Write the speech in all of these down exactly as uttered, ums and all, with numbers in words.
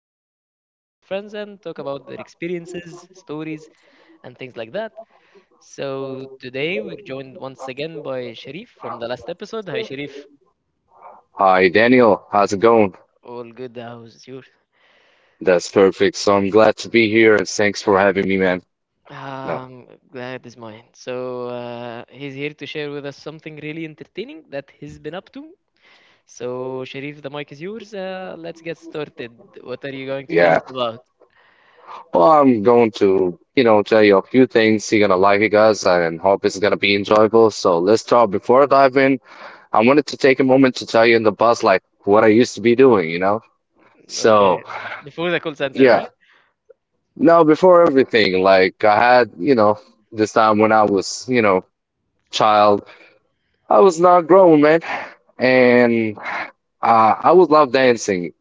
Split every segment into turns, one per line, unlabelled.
just sit down with my friends and talk about their experiences, stories, and things like that. So, today we're joined once again by Sharif from the last episode. Hi, Sharif.
Hi, Daniel. How's it going?
All good. How's yours?
That's perfect. So I'm glad to be here and thanks for having me, man. No,
Um, Glad is mine. So, uh, he's here to share with us something really entertaining that he's been up to. So, Sharif, the mic is yours. Uh, let's get started. What are you going to tell
yeah.
us about?
Well, I'm going to, you know, tell you a few things. You're gonna like it, guys, and hope it's gonna be enjoyable. So let's start. Before I dive in, I wanted to take a moment to tell you in the past, like what I used to be doing, you know?
Okay.
So
Before the call center,
yeah.
right?
Now, before everything, like I had, you know, this time when I was, you know, child, I was not grown, man. And uh, I would love dancing.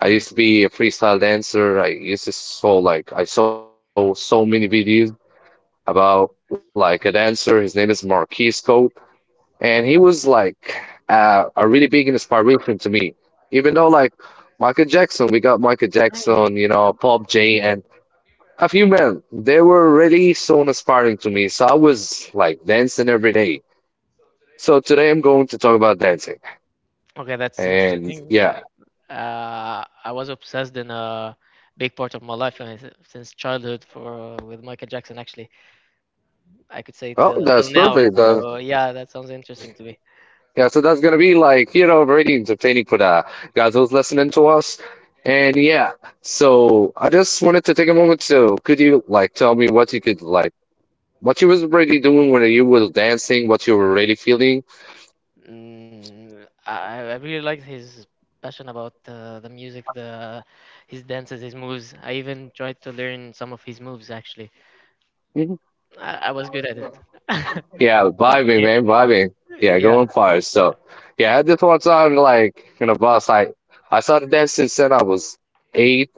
I
Mm,
used to be a freestyle dancer. I used to saw like I saw so many videos about like a dancer. His name is Marquis Cope, and he
okay.
was like uh, a really big inspiration to me. Even though like Michael Jackson, we got Michael
Mm,
Jackson, you
okay.
know, Pop J, and a few men. They were really so inspiring to me. So I was like dancing every day. So today I'm going to talk about dancing,
Okay, that's
and
interesting.
yeah.
Uh, uh, I was obsessed in a big part of my life uh, s- since childhood for uh, with Michael Jackson, actually. I could say
Oh,
till,
that's
till now.
perfect. Uh,
So yeah, that sounds interesting to me.
Yeah, so that's gonna be like, you know, ratings obtaining for the guys who's listening to us. And yeah, so I just wanted to take a moment to, could you like tell me what you could like, what you was already doing when you was dancing, what you were already feeling?
Mm, I, I really liked his passion about uh, the music, the his dances, his moves. I even tried to learn some of his moves, actually.
Mhm.
I, I was good at it.
Yeah, vibing,
Okay.
man, vibing. Yeah,
Yeah.
going far. So yeah, at this one time, like in a bus, I, I started dancing since I was eight.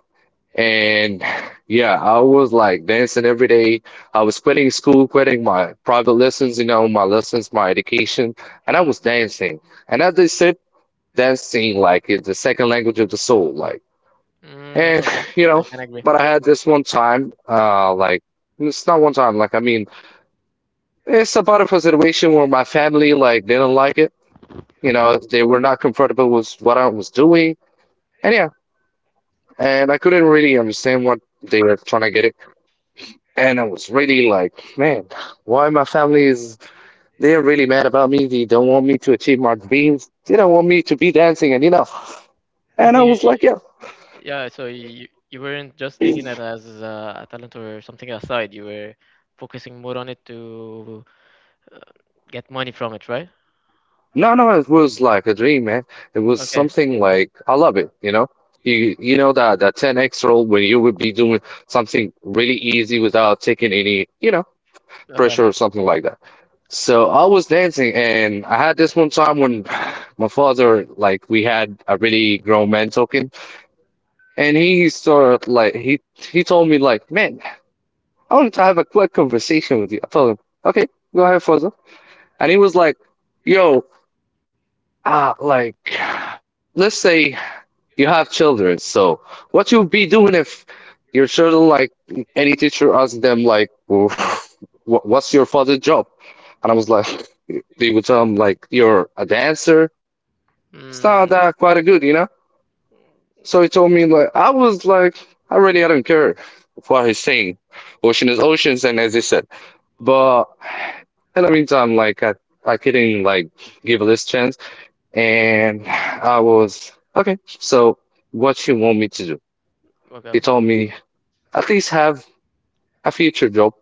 And yeah, I was like dancing every day. I was quitting school, quitting my private lessons, you know, my lessons, my education, and I was dancing. And as they said, dancing like is the second language of the soul, like.
Mm,
And
okay.
you
I
know,
can agree.
but I had this one time, uh, like it's not one time, like I mean, it's about a situation where my family like didn't like it. You know, they were not comfortable with what I was doing, and yeah, and I couldn't really understand what they were trying to get it. And I was really like, man, why my family is, they're really mad about me. They don't want me to achieve my dreams. They don't want me to be dancing and you know. And I was
Okay,
like, yeah,
yeah, so you you weren't just taking it as a, a talent or something aside. You were focusing more on it to uh, get money from it, right?
no, no, it was like a dream, man. It was
Okay,
something like, I love it, you know? You, you know that that ten x rule when you would be doing something really easy without taking any, you know,
okay,
pressure or something like that. So I was dancing and I had this one time when my father, like we had a really grown man talking. And he sort of like he he told me like, man, I wanted to have a quick conversation with you. I told him, okay, go ahead, Fozzo. And he was like, yo, ah, uh, like, let's say you have children. So what you'd be doing if your children like any teacher asks them like, "Wh- what's your father's job? And I was like, they would tell him like, you're a dancer. It's not
mm,
that quite a good, you know? So he told me like I was like I really I don't care what he's saying. Ocean is oceans and as he said. But in the meantime, like I I couldn't like give this chance and I was okay, so what you want me to do?
okay,
He told me at least have a future job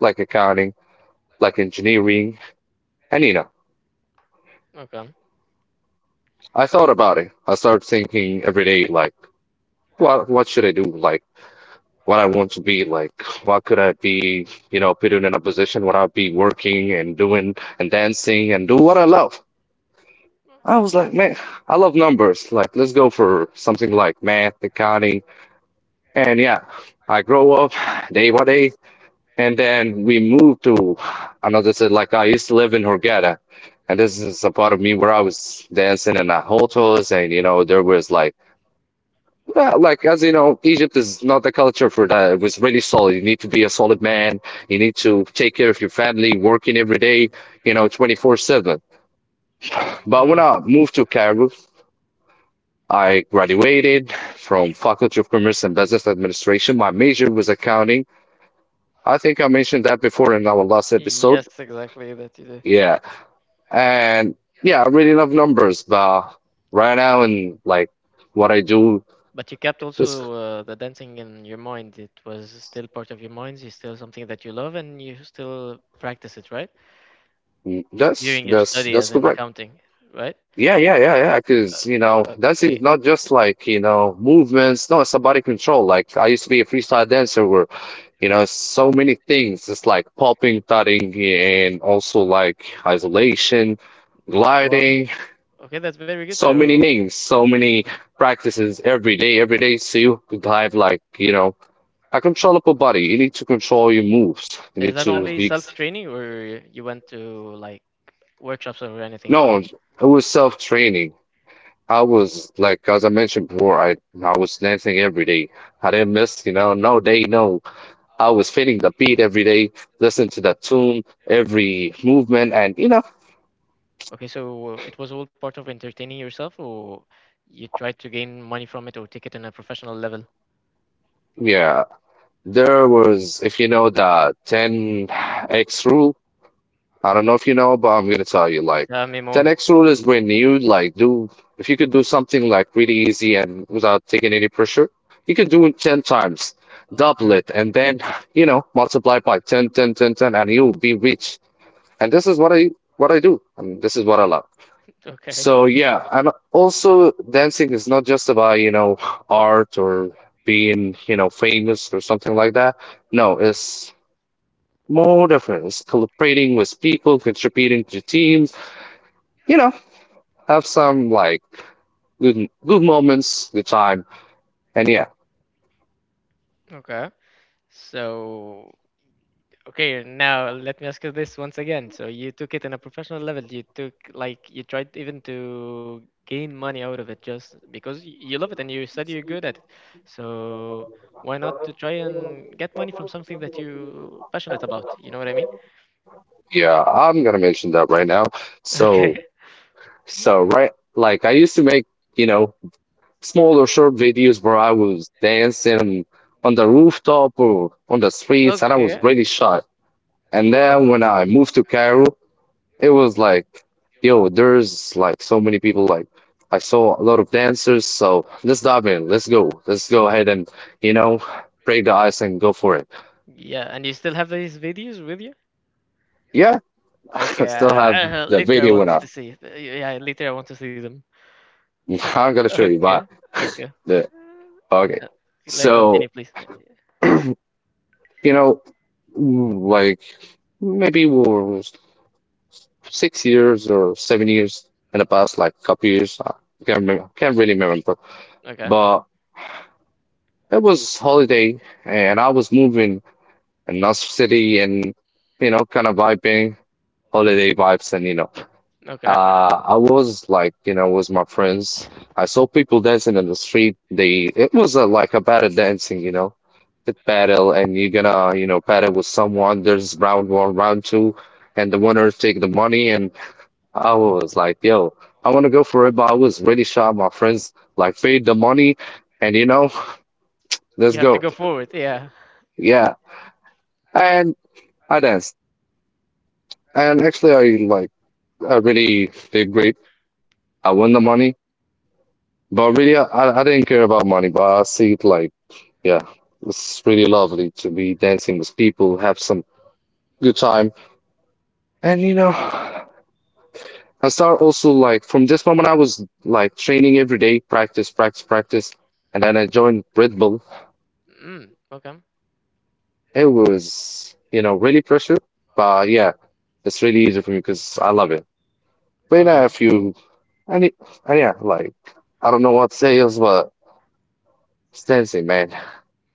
like accounting, like engineering and you know.
okay.
I thought about it. I started thinking every day like what what should I do? Like what I want to be like. What could I be, you know, put in a position where I'll be working and doing and dancing and do what I love. I was like, man, I love numbers. Like, let's go for something like math, accounting. And yeah, I grow up day by day. And then we moved to another city. Like, I used to live in Hurghada. And this is a part of me where I was dancing in the hotels and, you know, there was like, yeah, like as you know, Egypt is not the culture for that. It was really solid. You need to be a solid man. You need to take care of your family, working every day, you know, twenty-four seven. But when
Mm,
I moved to Cairo, I graduated from Faculty of Commerce and Business Administration. My major was accounting. I think I mentioned that before in our last episode.
yes, exactly that you did.
Yeah. And yeah, I really love numbers, but right now in like what I do,
But you kept
this
also uh, the dancing in your mind. It was still part of your mind. It's still something that you love, and you still practice it, right?
that's
During your
that's
study as
that's
an
correct.
accounting, right?
Yeah, yeah, yeah, yeah. Because, you know,
Uh,
dancing
okay.
is not just like, you know, movements. No, it's a body control. Like, I used to be a freestyle dancer where, you know, so many things. It's like popping, thudding, and also like isolation,
Uh, Well,
gliding,
okay, that's very good.
so many
So
names, so many practices every day, every day. So you could have like, you know, a controllable body. You need to control your moves. You
is
need
that
to
only
be,
self-training, or you went to like workshops or anything?
no, it was self-training. I was like, as I mentioned before, I I was dancing every day. I didn't miss, you know, no day, no. I was feeling the beat every day, listen to the tune, every movement, and you know,
Okay, so it was all part of entertaining yourself, or you tried to gain money from it or take it on a professional level?
yeah. There was, if you know the ten x rule, I don't know if you know, but I'm gonna tell you like
Tell me more.
ten x rule is when you like do if you could do something like really easy and without taking any pressure, you could do it ten times, double
Mm,
it, and then you know multiply by ten, ten, ten, ten, and you'll be rich. And this is what I what I do, and this is what I love.
okay,
So yeah, and also dancing is not just about you know art or being you know famous or something like that. No, it's more difference, collaborating with people, contributing to teams, you know, have some like good good moments, good time. And yeah,
okay. So okay, now let me ask you this once again. So you took it in a professional level. You took like you tried even to gain money out of it just because y- you love it and you said you're good at it. So why not to try and get money from something that you passionate about? You know what I mean?
yeah, I'm gonna mention that right now.
Okay.
So so right like I used to make, you know, smaller short videos where I was dancing on the rooftop or on the streets and I was
Okay.
really shy. And
Well,
then when I moved to Cairo, it was like, yo, there's like so many people. Like, I saw a lot of dancers, so let's dive in. Let's go. Let's go ahead and, you know, break the ice and go for it.
yeah, and you still have these videos with you?
Yeah,
Okay.
I still have
Uh,
the
later I
video when
wanted
I,
to see it. Uh, Yeah, later I want to see them.
I'm gonna show you,
Okay.
but
Okay.
the, okay.
Uh, like continue,
So,
please. Uh, yeah.
you know, mm, like maybe we were six years or seven years in the past, like couple years. I can't remember, can't really remember,
Okay.
but it was holiday and I was moving. And North City and you know kind of vibing holiday vibes and you know
Okay.
uh I was like you know with my friends I saw people dancing in the street they it was a, like a battle dancing you know it battle and you're gonna you know battle with someone there's round one round two and the winners take the money and I was like yo I want to go for it but I was really shy my friends like paid the money and you know let's
You have to
go
go forward. Yeah.
yeah and I danced and actually I like I really did great. I won the money, but really, I, I didn't care about money. But I see it like, yeah, it's really lovely to be dancing with people, have some good time, and you know, I start also like from this moment, I was like training every day, practice, practice, practice, and then I joined Red Bull.
Mm, okay.
It was, you know, really pressure, but yeah, it's really easy for me because I love it. But yeah,
Okay.
if you, and, it, and yeah, like I don't know what to say else, but it's dancing, man.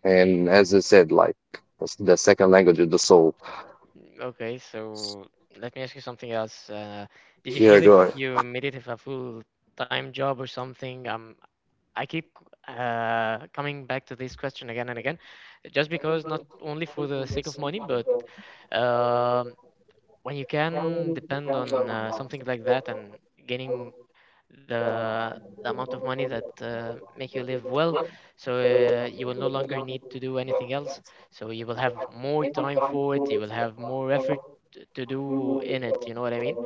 And as I said, like that's the second language is the soul.
Okay. So let me ask you something else. Uh, did you
Yeah,
feel
go.
if
Ahead.
you made it if a full-time job or something? Um, I keep uh, coming back to this question again and again, just because not only for the sake of money, but um, when you can depend on uh, something like that and gaining the the amount of money that uh, make you live well so uh, you will no longer need to do anything else, so you will have more time for it, you will have more effort t- to do in it, you know what I mean,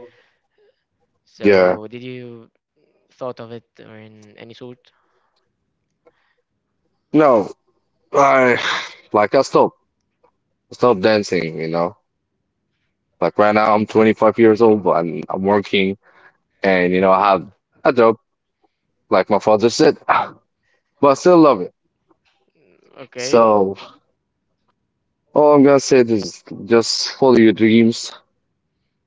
Yeah.
so did you thought of it or in any sort.
No, I like I stopped stopped dancing, you know. Like right now I'm twenty-five years old and I'm working and you know I have a job like my father said, but I still love it.
Mm, okay,
So all I'm gonna say is just follow your dreams,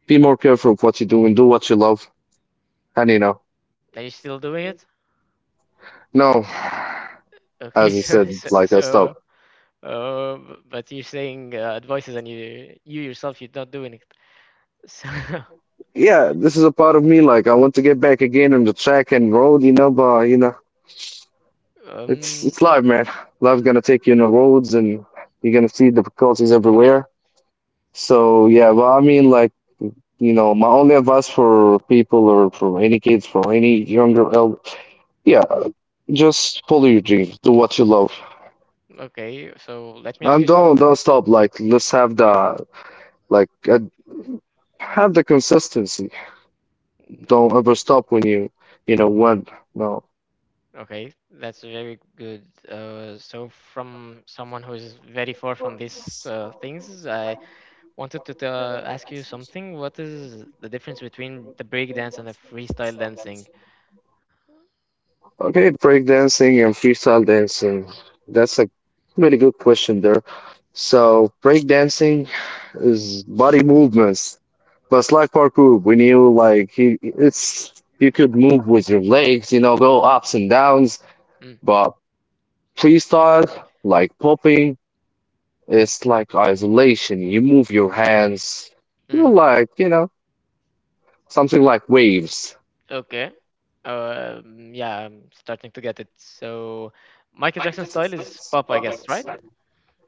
be more careful of what you do and do what you love and you know.
are you still doing it?
No,
Okay.
as I
So so,
said, like I
so
stopped.
uh, b- but you're saying uh, advices and you you yourself you're not doing it, so
Yeah, this is a part of me. Like I want to get back again on the track and road, you know. But you know, it's
um,
it's life, man. Life's gonna take you on the roads, and you're gonna see difficulties everywhere. So yeah, but I mean, like you know, my only advice for people or for any kids, for any younger, el yeah, just follow your dreams, do what you love,
okay, so let me ask
and
you
don't
something.
don't stop. Like let's have the like uh, have the consistency. Don't ever stop when you you know when no.
Okay, that's very good. Uh, so, from someone who is very far from these uh, things, I wanted to t- uh, ask you something. What is the difference between the breakdance and the freestyle dancing?
Okay, breakdancing and freestyle dancing. That's a really good question there. So, breakdancing is body movements, but it's like parkour. When you like, you, it's you could move with your legs, you know, go ups and downs.
Mm,
But freestyle, like popping, it's like isolation. You move your hands, you're
mm,
like, you know, something like waves.
okay. Um, yeah, I'm starting to get it. So, Michael Jackson style is pop, I guess, right?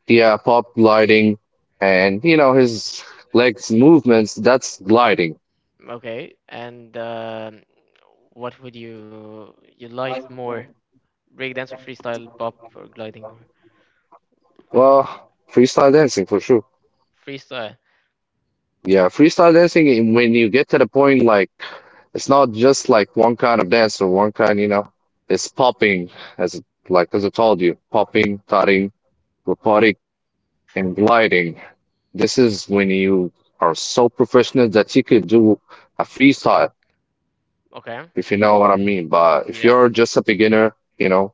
Yeah, pop gliding and you know his legs movements, that's gliding.
Okay, and um, what would you you like more, breakdance or freestyle, pop or gliding or
Well, freestyle dancing for sure.
freestyle?
Yeah, freestyle dancing and when you get to the point like it's not just like one kind of dance or one kind, you know, it's popping as like as I told you, popping, tutting, robotic and gliding. This is when you are so professional that you could do a freestyle,
Okay.
if you know what I mean. But if
Yeah.
you're just a beginner, you know,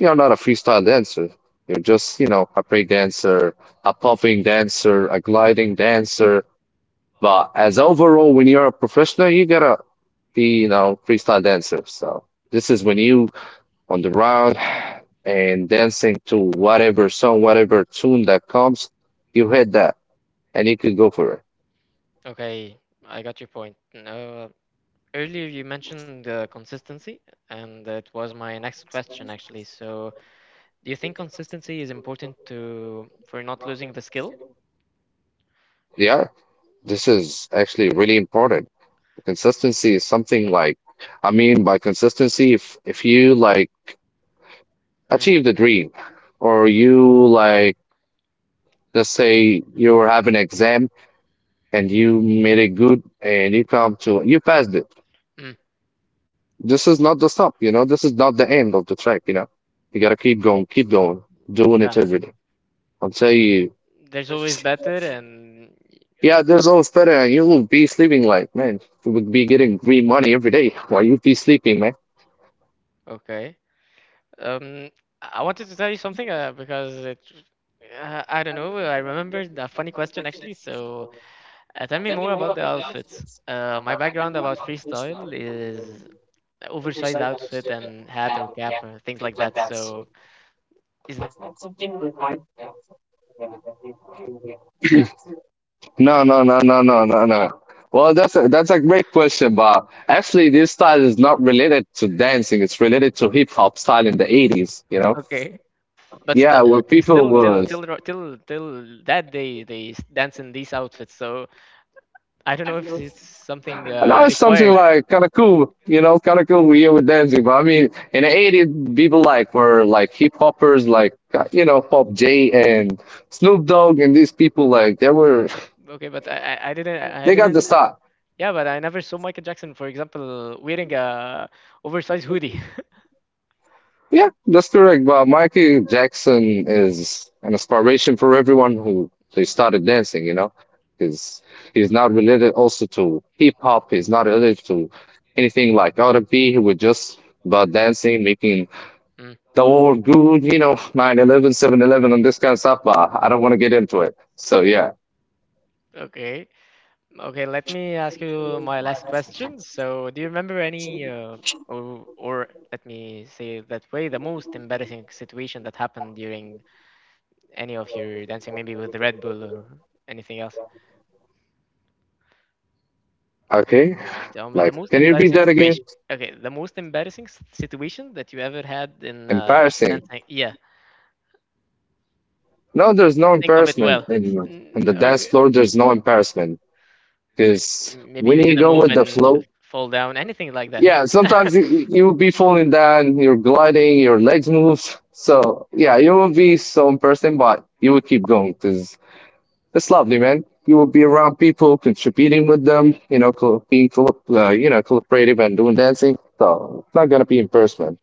you're not a freestyle dancer. You're just, you know, a break dancer, a popping dancer, a
Mm.
gliding dancer. But as overall, when you're a professional, you gotta be, you know, freestyle dancer. So this is when you on the round and dancing to whatever song, whatever tune that comes, you hit that and you could go for it.
Okay. I got your point. Uh, earlier you mentioned uh, consistency, and it was my next question actually. So, do you think consistency is important to for not losing the skill?
Yeah, this is actually really important. Consistency is something like, I mean, by consistency, if if you like
Mm.
achieve the dream, or you like, let's say you have an exam and you made it good and you come to, you passed it.
Mm.
This is not the stop, you know. This is not the end of the track, you know. You gotta keep going, keep going, doing it
Yeah.
every day until you.
There's always better, and
Yeah, there's always better, and you will be sleeping like, man, you would be getting green money every day while you be sleeping, man.
okay. Um, I I wanted to tell you something uh, because it, uh, I don't know. I remembered a funny question actually. So, Uh, tell me more about the outfits. Uh, my background about freestyle is oversized outfit and hat or cap or things like that. So, is that something required? That's something uh, that they told you uh, you have to keep
No,
uh,
no,
stick
no,
to
no, no,
this uh,
no, no.
outfit?
Well, that's a, that's a great question, Bob. Actually, this style is not related to dancing. It's related to hip hop style in the eighties, you know?
Okay, but st-
Yeah, where
uh,
people
still, till till
was.
ro- till till that day they s- dance in these outfits. So I don't know if it's something
And now
uh,
it's something
required.
like kind of cool, you know, kind of cool we here with dancing. But I mean, in the eighties, people like were like hip hoppers, like, uh, you know, Pop J and Snoop Dogg and these people, like, they were,
Okay, but I, I I didn't I
they got the
didn't.
style.
Yeah, but I never saw Michael Jackson, for example, wearing a oversized hoodie.
Yeah, that's correct. But Michael Jackson is an inspiration for everyone who they started dancing, you know, because he's not related also to hip hop. He's not related to anything like R and B. He was just about dancing, making
Mm,
the world good, you know, nine eleven, seven eleven, and this kind of stuff. But I don't want to get into it. So yeah,
okay. Okay, let me ask you my last question. So, do you remember any uh, or or let me say it that way, the most embarrassing situation that happened during any of your dancing, maybe with Red Bull or anything else?
okay.
Tell me the
Like,
most
can you repeat
embarrassing
that again?
situation. Okay, the most embarrassing s- situation that you ever had in uh,
Embarrassing.
dancing. Yeah,
No, there's no
think of it
embarrassment
well.
in, on
Mm,
the dance
okay.
floor. There's no embarrassment. Because
Maybe
when
you did
you
a
go
move
with the
and
flow,
fall down, anything like that.
yeah, sometimes you, you'll be falling down, you're gliding, your legs moves. So yeah, you will be some person, but you will keep going because it's lovely, man. You will be around people, contributing with them, you know, co- being, co- uh, you know, collaborative and doing dancing. So it's not gonna be in person. Man.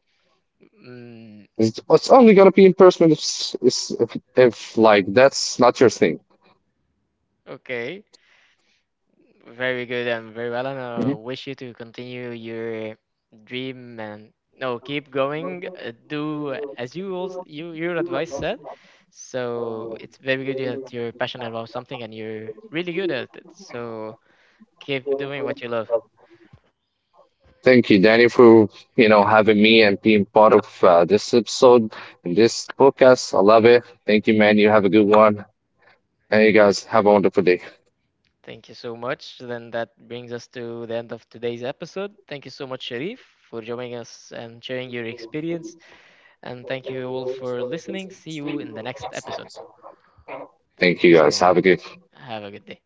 Mm,
It's, it's only gonna be in person if, s- is- if, if like that's not your thing.
okay. Very good and very well. And I wish you to continue your dream and no, keep going. uh, Do as you also you your advice said. So it's very good that you're passionate about something and you're really good at it. So keep doing what you love.
Thank you, Danny, for you know having me and being part of uh, this episode and this podcast. I love it. Thank you, man. You have a good one. And you guys have a wonderful day.
Thank you so much. Then that brings us to the end of today's episode. Thank you so much, Sharif, for joining us and sharing your experience. And thank you all for listening. See you in the next episode.
Thank
Thank
you,
you
guys.
so
Have
much.
a good.
Have a good day.